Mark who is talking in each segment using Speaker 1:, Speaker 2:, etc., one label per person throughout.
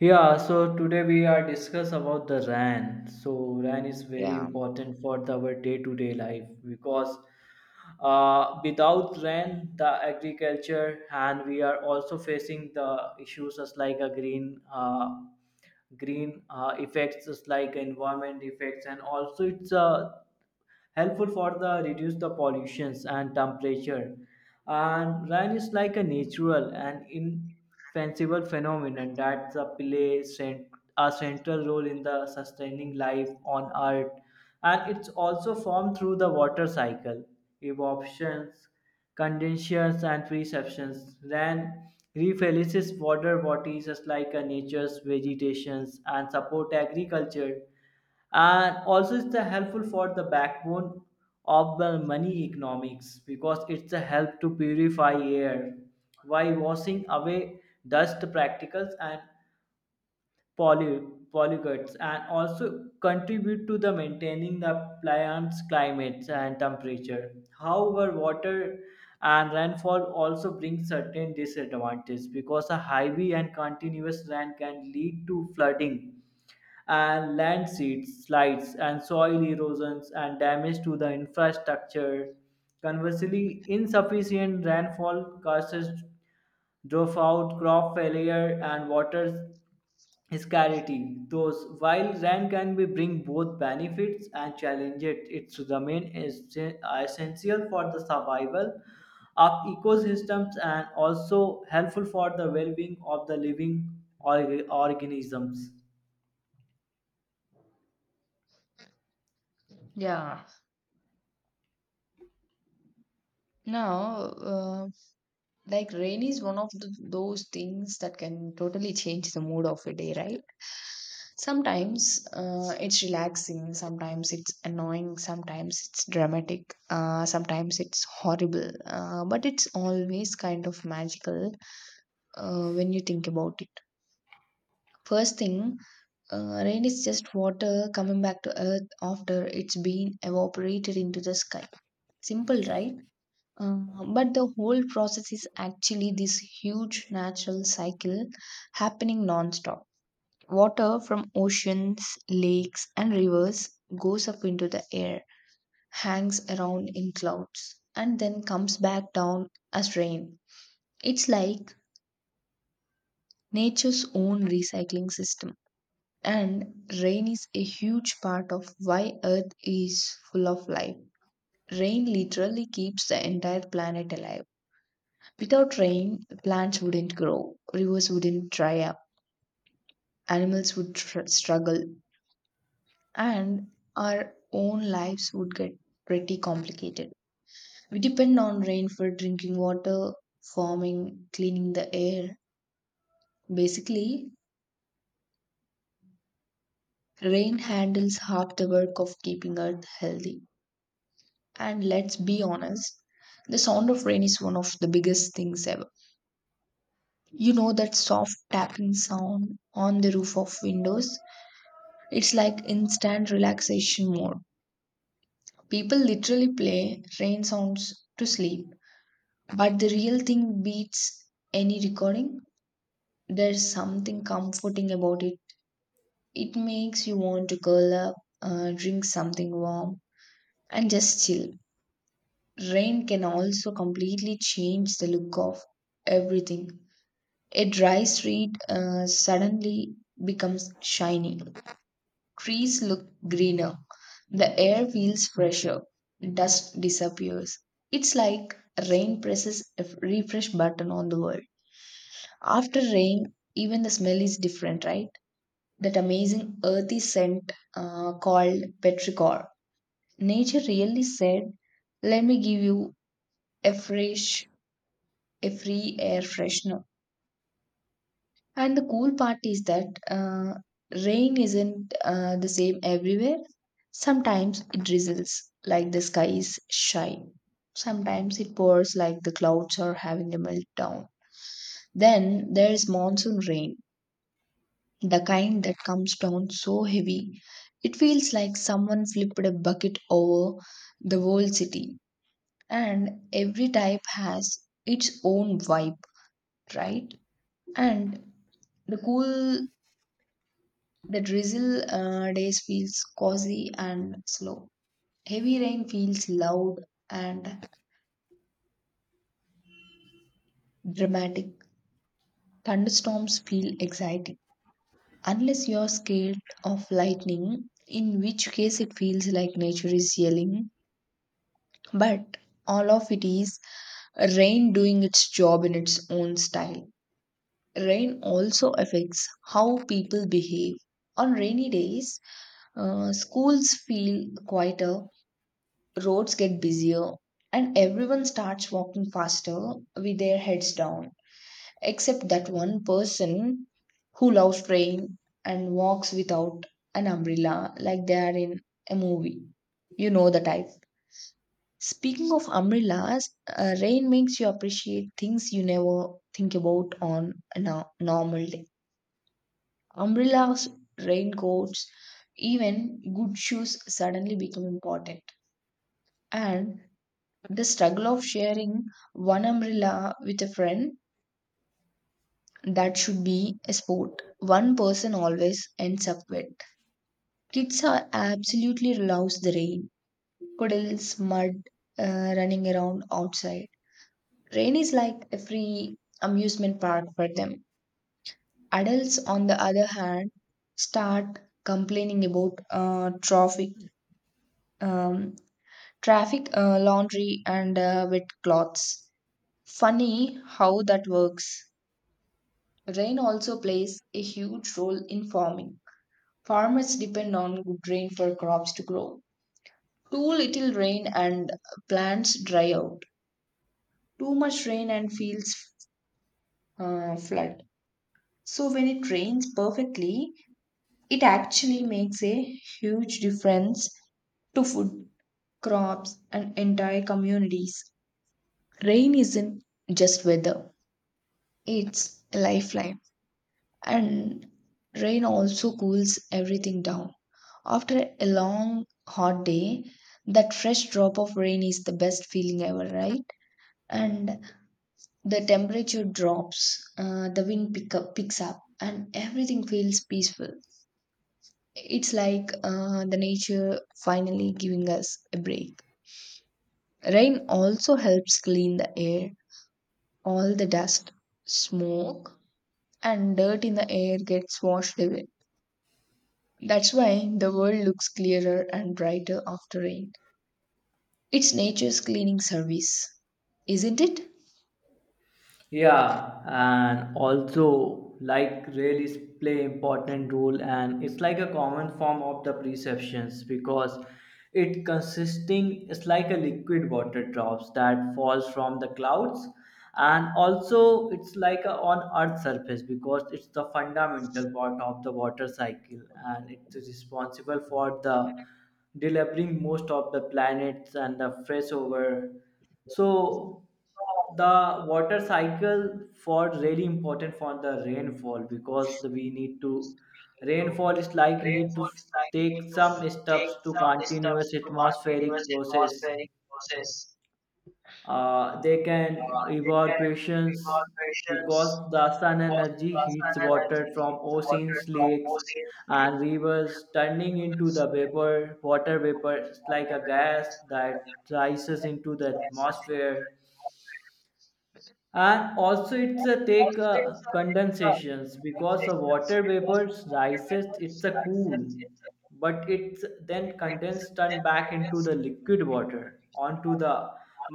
Speaker 1: Yeah, so today we are discuss about the RAN. So RAN is very
Speaker 2: Yeah.
Speaker 1: important for our day-to-day life because without RAN, the agriculture and we are also facing the issues as like a green effects as like environment effects, and also it's a helpful for the reduce the pollutions and temperature. And rain is like a natural and infanciful phenomenon that the a central role in the sustaining life on Earth, and it's also formed through the water cycle, evaporations, condensations, and precessions. Rain refills water bodies just like a nature's vegetations and support agriculture, and also it's the helpful for the backbone of the money economics because it's a help to purify air by washing away dust particles and pollutants, and also contribute to the maintaining the plants climates and temperature. However, water and rainfall also bring certain disadvantages because a heavy and continuous rain can lead to flooding and landslides, slides, and soil erosions and damage to the infrastructure. Conversely, insufficient rainfall causes drought, crop failure, and water scarcity. Thus, while rain can be bring both benefits and challenges, its domain is essential for the survival of ecosystems, and also helpful for the well-being of the living organisms.
Speaker 2: Yeah. Now, like rain is one of those things that can totally change the mood of a day, right? Sometimes it's relaxing, sometimes it's annoying, sometimes it's dramatic, sometimes it's horrible, but it's always kind of magical when you think about it. First thing, rain is just water coming back to earth after it's been evaporated into the sky. Simple, right? Uh, but the whole process is actually this huge natural cycle happening non-stop. Water from oceans, lakes, and rivers goes up into the air, hangs around in clouds, and then comes back down as rain. It's like nature's own recycling system. And rain is a huge part of why Earth is full of life. Rain literally keeps the entire planet alive. Without rain, plants wouldn't grow, rivers wouldn't dry up, animals would struggle, and our own lives would get pretty complicated. We depend on rain for drinking water, farming, cleaning the air. Basically, rain handles half the work of keeping Earth healthy. And let's be honest, the sound of rain is one of the biggest things ever. You know that soft tapping sound on the roof of windows? It's like instant relaxation mode. People literally play rain sounds to sleep, but the real thing beats any recording. There's something comforting about it. It makes you want to curl up, drink something warm, and just chill. Rain can also completely change the look of everything. A dry street suddenly becomes shiny. Trees look greener. The air feels fresher. Dust disappears. It's like rain presses a refresh button on the world. After rain, even the smell is different, right? That amazing earthy scent called petrichor. Nature really said, let me give you a fresh, a free air freshener. And the cool part is that rain isn't the same everywhere. Sometimes it drizzles like the sky is shy. Sometimes it pours like the clouds are having a meltdown. Then there's monsoon rain, the kind that comes down so heavy, it feels like someone flipped a bucket over the whole city. And every type has its own vibe, right? And the cool The drizzle days feels cozy and slow. Heavy rain feels loud and dramatic. Thunderstorms feel exciting. Unless you're scared of lightning, in which case it feels like nature is yelling. But all of it is rain doing its job in its own style. Rain also affects how people behave. On rainy days, schools feel quieter, roads get busier and everyone starts walking faster with their heads down, except that one person who loves rain and walks without an umbrella like they are in a movie. You know the type. Speaking of umbrellas, rain makes you appreciate things you never think about on a normal day. Umbrellas, raincoats, even good shoes suddenly become important. And The struggle of sharing one umbrella with a friend, that should be a sport. One person always ends up wet. Kids are absolutely loves the rain, puddles, mud, running around outside. Rain is like a free amusement park for them. Adults, on the other hand, start complaining about um, traffic, laundry, and wet clothes. Funny how that works. Rain also plays a huge role in farming. Farmers depend on good rain for crops to grow. Too little rain and plants dry out. Too much rain and fields flood. So, when it rains perfectly, it actually makes a huge difference to food, crops, and entire communities. Rain isn't just weather, it's a lifeline. And rain also cools everything down. After a long, hot day, that fresh drop of rain is the best feeling ever, right? And the temperature drops, the wind pick up, picks up, and everything feels peaceful. It's like the nature finally giving us a break. Rain also helps clean the air. All the dust, smoke, and dirt in the air gets washed away. That's why the world looks clearer and brighter after rain. It's nature's cleaning service, isn't it?
Speaker 1: Yeah, and also like really play important role, and it's like a common form of the perceptions because it consisting it's like a liquid water drops that falls from the clouds, and also it's like a on earth surface because it's the fundamental part of the water cycle, and it is responsible for the delivering most of the planets and the fresh over. So the water cycle for really important for the rainfall because we need to rainfall is like need to take some steps to continuous atmospheric process. They can evaporations because the sun energy heats water from oceans, lakes, and rivers, turning into the vapor water vapor like a gas that rises into the atmosphere. And also it's a take condensations because the water vapors rises it's a cool, but it's then condensed turned back into the liquid water onto the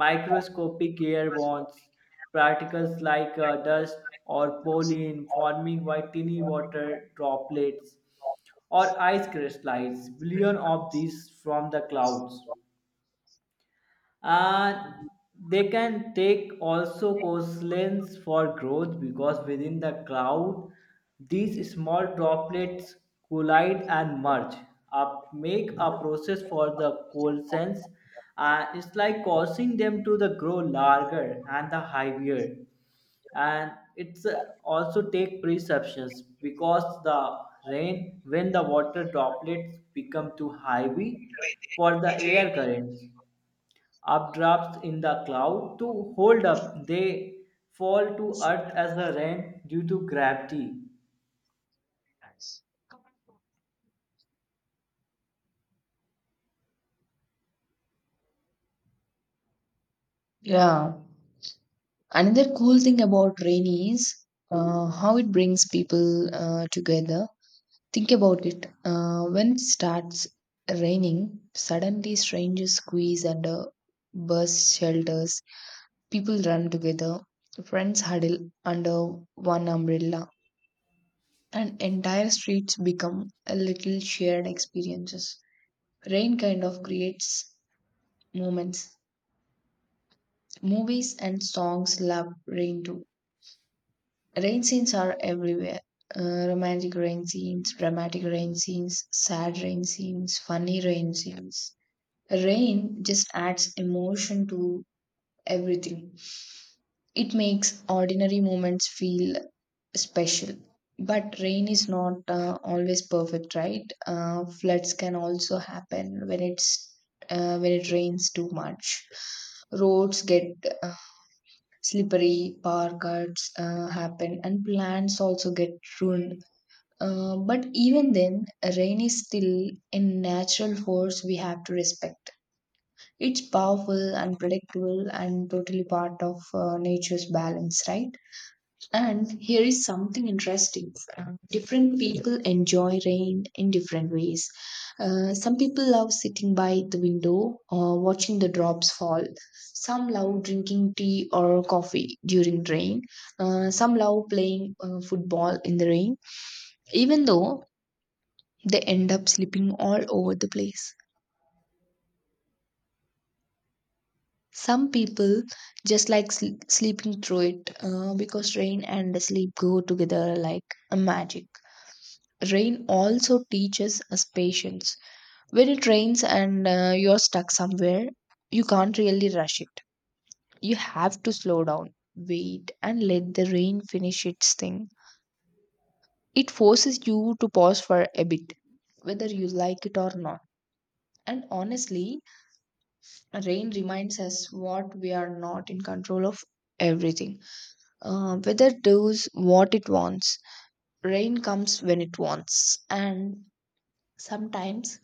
Speaker 1: microscopic air bonds particles like dust or pollen, forming white tiny water droplets or ice crystals, billion of these from the clouds. uh, they can take also coastlines for growth because within the cloud, these small droplets collide and merge, up, make a process for the coalescence. It's like causing them to the grow larger and the heavier. And it's also take perceptions because the rain, when the water droplets become too heavy for the air currents updrafts in the cloud to hold up, they fall to earth as the rain due to gravity.
Speaker 2: Yeah. Another cool thing about rain is how it brings people together. Think about it. When it starts raining, suddenly strangers squeeze under bus shelters. People run together. Friends huddle under one umbrella, and entire streets become a little shared experiences. Rain kind of creates moments. Movies and songs love rain too. Rain scenes are everywhere. Romantic rain scenes, dramatic rain scenes, sad rain scenes, funny rain scenes. Rain just adds emotion to everything. It makes ordinary moments feel special. But rain is not always perfect, right? Floods can also happen when it's When it rains too much, roads get uh, slippery, power cuts happen, and plants also get ruined, but even then, rain is still a natural force we have to respect. It's powerful, unpredictable, and totally part of nature's balance, right? And here is something interesting. Different people enjoy rain in different ways. Some people love sitting by the window or watching the drops fall. Some love drinking tea or coffee during rain. Some love playing football in the rain. Even though they end up sleeping all over the place. Some people just like sleeping through it because rain and sleep go together like a magic. Rain also teaches us patience. When it rains and you're stuck somewhere, you can't really rush it. You have to slow down, wait, and let the rain finish its thing. It forces you to pause for a bit, whether you like it or not. And honestly, rain reminds us what we are not in control of everything. Weather does what it wants. Rain comes when it wants. And sometimes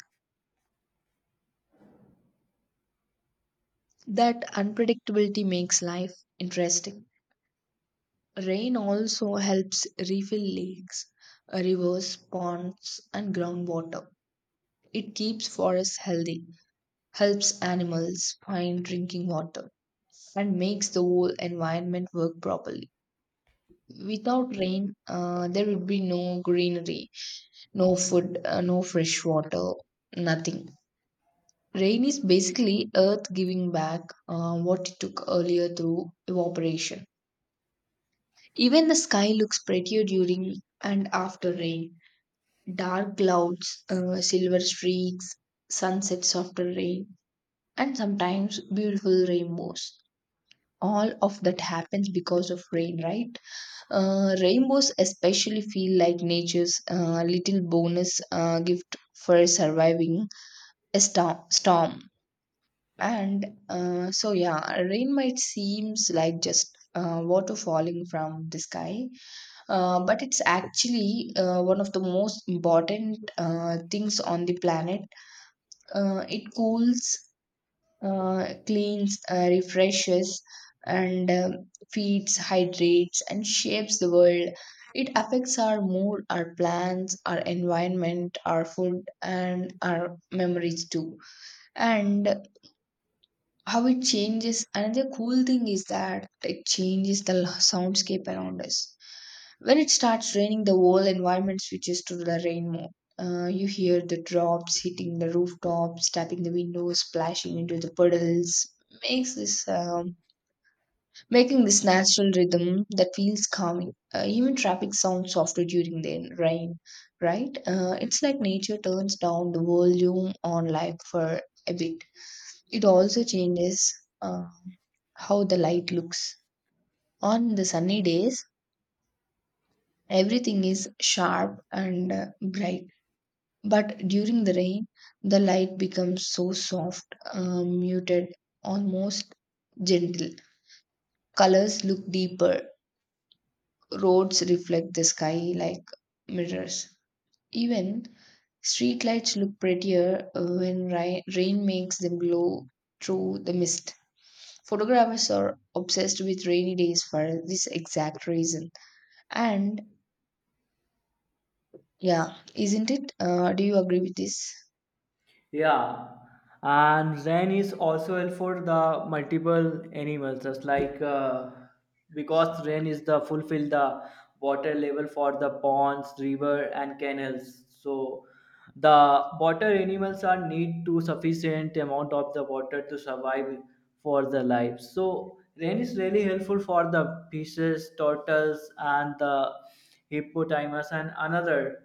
Speaker 2: that unpredictability makes life interesting. Rain also helps refill lakes, rivers, ponds, and groundwater. It keeps forests healthy, helps animals find drinking water, and makes the whole environment work properly. Without rain, there would be no greenery, no food, no fresh water, nothing. Rain is basically Earth giving back what it took earlier through evaporation. Even the sky looks prettier during and after rain. Dark clouds, silver streaks, sunsets after rain, and sometimes beautiful rainbows. All of that happens because of rain, right? Rainbows especially feel like nature's little bonus gift for surviving a storm. And so, yeah, rain might seems like just water falling from the sky, but it's actually one of the most important things on the planet. It cools, cleans, refreshes, and feeds, hydrates, and shapes the world. It affects our mood, our plans, our environment, our food, and our memories too. And how it changes, another cool thing is that it changes the soundscape around us. When it starts raining, the whole environment switches to the rain mode. You hear the drops hitting the rooftops, tapping the windows, splashing into the puddles. Makes this Making this natural rhythm that feels calming. Even traffic sounds softer during the rain, right? It's like nature turns down the volume on life for a bit. It also changes uh, how the light looks. On the sunny days, everything is sharp and bright. But during the rain, the light becomes so soft, muted, almost gentle. Colors look deeper. Roads reflect the sky like mirrors. Even streetlights look prettier when rain makes them glow through the mist. Photographers are obsessed with rainy days for this exact reason. And yeah, isn't it? Do you agree with this?
Speaker 1: Yeah, and rain is also helpful for the multiple animals, just like because rain is the fulfill the water level for the ponds, river, and canals. So the water animals are need to sufficient amount of the water to survive for their lives. So rain is really helpful for the fishes, turtles, and the hippopotamus and another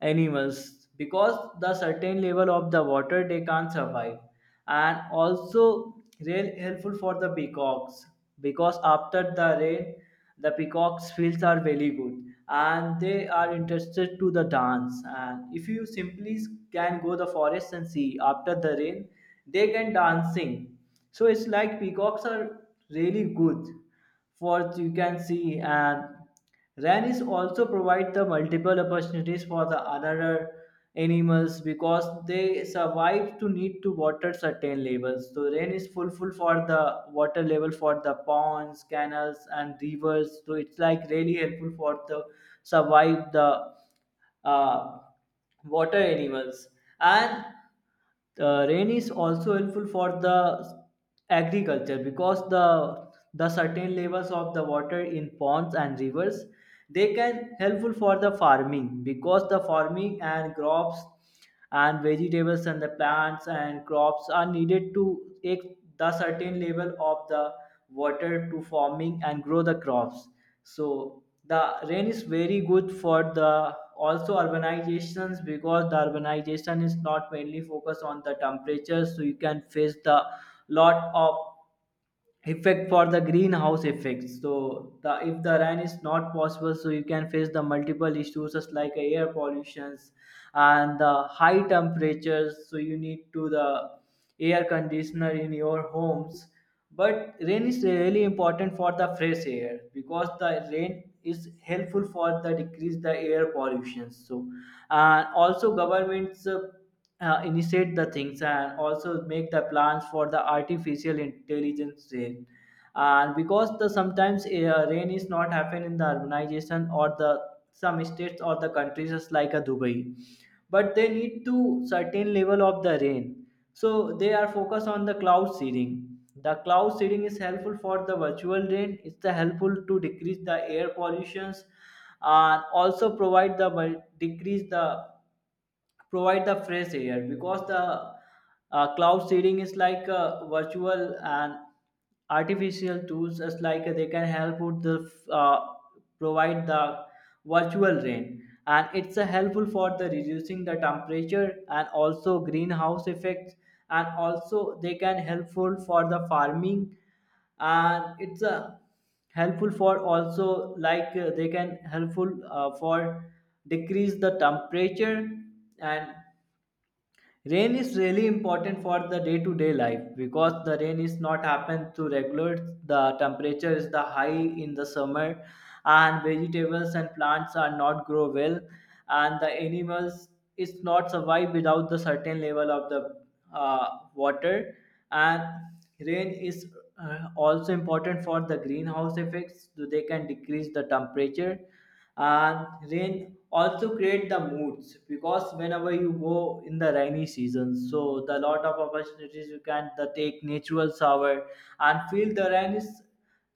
Speaker 1: animals, because the certain level of the water they can't survive. And also really helpful for the peacocks because after the rain, the peacocks feels are very good, and they are interested to the dance, and if you simply can go the forest and see after the rain, they can dancing. So it's like peacocks are really good for you can see. And Rannies also provide the multiple opportunities for the other animals because they survive to need to water certain levels. So rain is full, for the water level for the ponds, canals, and rivers. So it's like really helpful for the survive the uh, water animals. And rain is also helpful for the agriculture because the certain levels of the water in ponds and rivers, they can helpful for the farming, because the farming and crops and vegetables and the plants and crops are needed to take the certain level of the water to forming and grow the crops. So the rain is very good for the also urbanizations, because the urbanization is not mainly focused on the temperature, so you can face the lot of effect for the greenhouse effect. So the if the rain is not possible, so you can face the multiple issues just like air pollutions and the high temperatures, so you need to the air conditioner in your homes. But rain is really important for the fresh air because the rain is helpful for the decrease the air pollution. So and also governments initiate the things, and also make the plans for the artificial intelligence rain. And because the sometimes rain is not happen in the urbanization or the some states or the countries just like a Dubai, but they need to certain level of the rain, so they are focused on the cloud seeding. The cloud seeding is helpful for the virtual rain, it's the helpful to decrease the air pollutions, and also provide the decrease the provide the fresh air, because the cloud seeding is like virtual and artificial tools as like they can help with the provide the virtual rain. And it's helpful for the reducing the temperature and also greenhouse effects, and also they can helpful for the farming. And it's helpful for also like they can helpful for decrease the temperature. And rain is really important for the day to day life, because the rain is not happen to regulate the temperature is the high in the summer, and vegetables and plants are not grow well, and the animals is not survive without the certain level of the water. And rain is also important for the greenhouse effects, so they can decrease the temperature. And rain also create the moods, because whenever you go in the rainy season, so the lot of opportunities you can the take natural shower and feel the rain is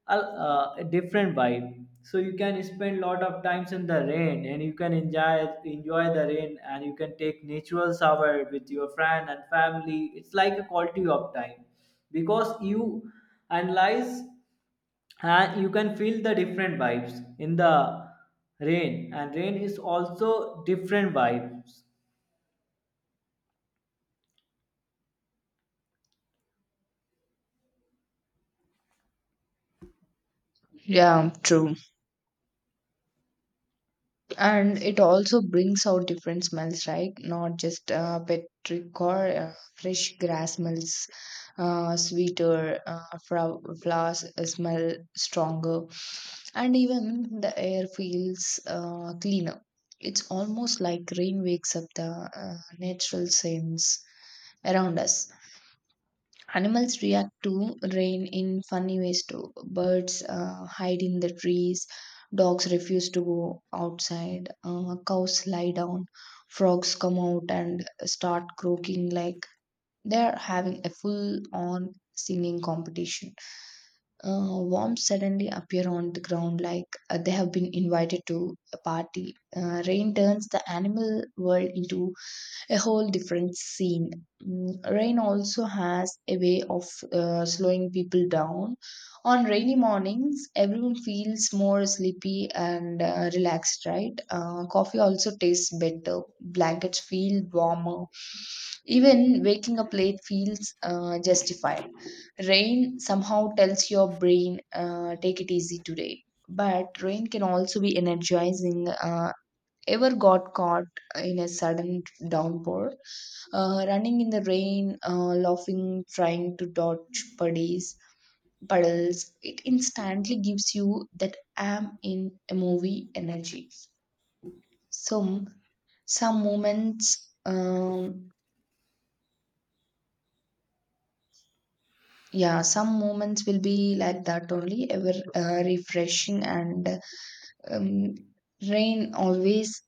Speaker 1: a different vibe. So you can spend lot of times in the rain, and you can enjoy the rain, and you can take natural shower with your friend and family, it's like a quality of time, because you analyze and you can feel the different vibes in the rain. And rain is also different vibes.
Speaker 2: Yeah, true. And it also brings out different smells, right? Not just petric or fresh grass smells, sweeter flowers smell stronger, and even the air feels cleaner. It's almost like rain wakes up the natural scents around us. Animals react to rain in funny ways too. Birds hide in the trees, dogs refuse to go outside, cows lie down, frogs come out and start croaking like they're having a full on singing competition. Worms suddenly appear on the ground like they have been invited to a party. Rain turns the animal world into a whole different scene. Mm. Rain also has a way of slowing people down. On rainy mornings, everyone feels more sleepy and relaxed, right? Coffee also tastes better, blankets feel warmer. Even waking up late feels justified. Rain somehow tells your brain, take it easy today. But rain can also be energizing, ever got caught in a sudden downpour, running in the rain, laughing, trying to dodge puddies puddles. It instantly gives you that am in a movie energy. Some some moments, yeah, some moments will be like that only, ever refreshing. And um, rain always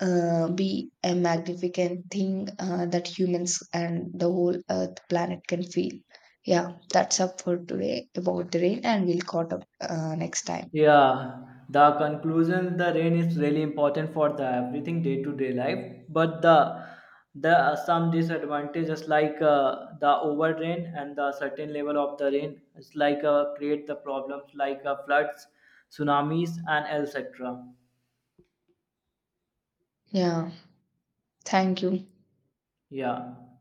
Speaker 2: be a magnificent thing that humans and the whole earth planet can feel. Yeah, that's up for today about the rain, and we'll caught up next time.
Speaker 1: Yeah, the conclusion, the rain is really important for the everything day to day life, but the some disadvantages like the over rain and the certain level of the rain is like create the problems like floods, tsunamis, and etc.
Speaker 2: Yeah, thank you.
Speaker 1: Yeah.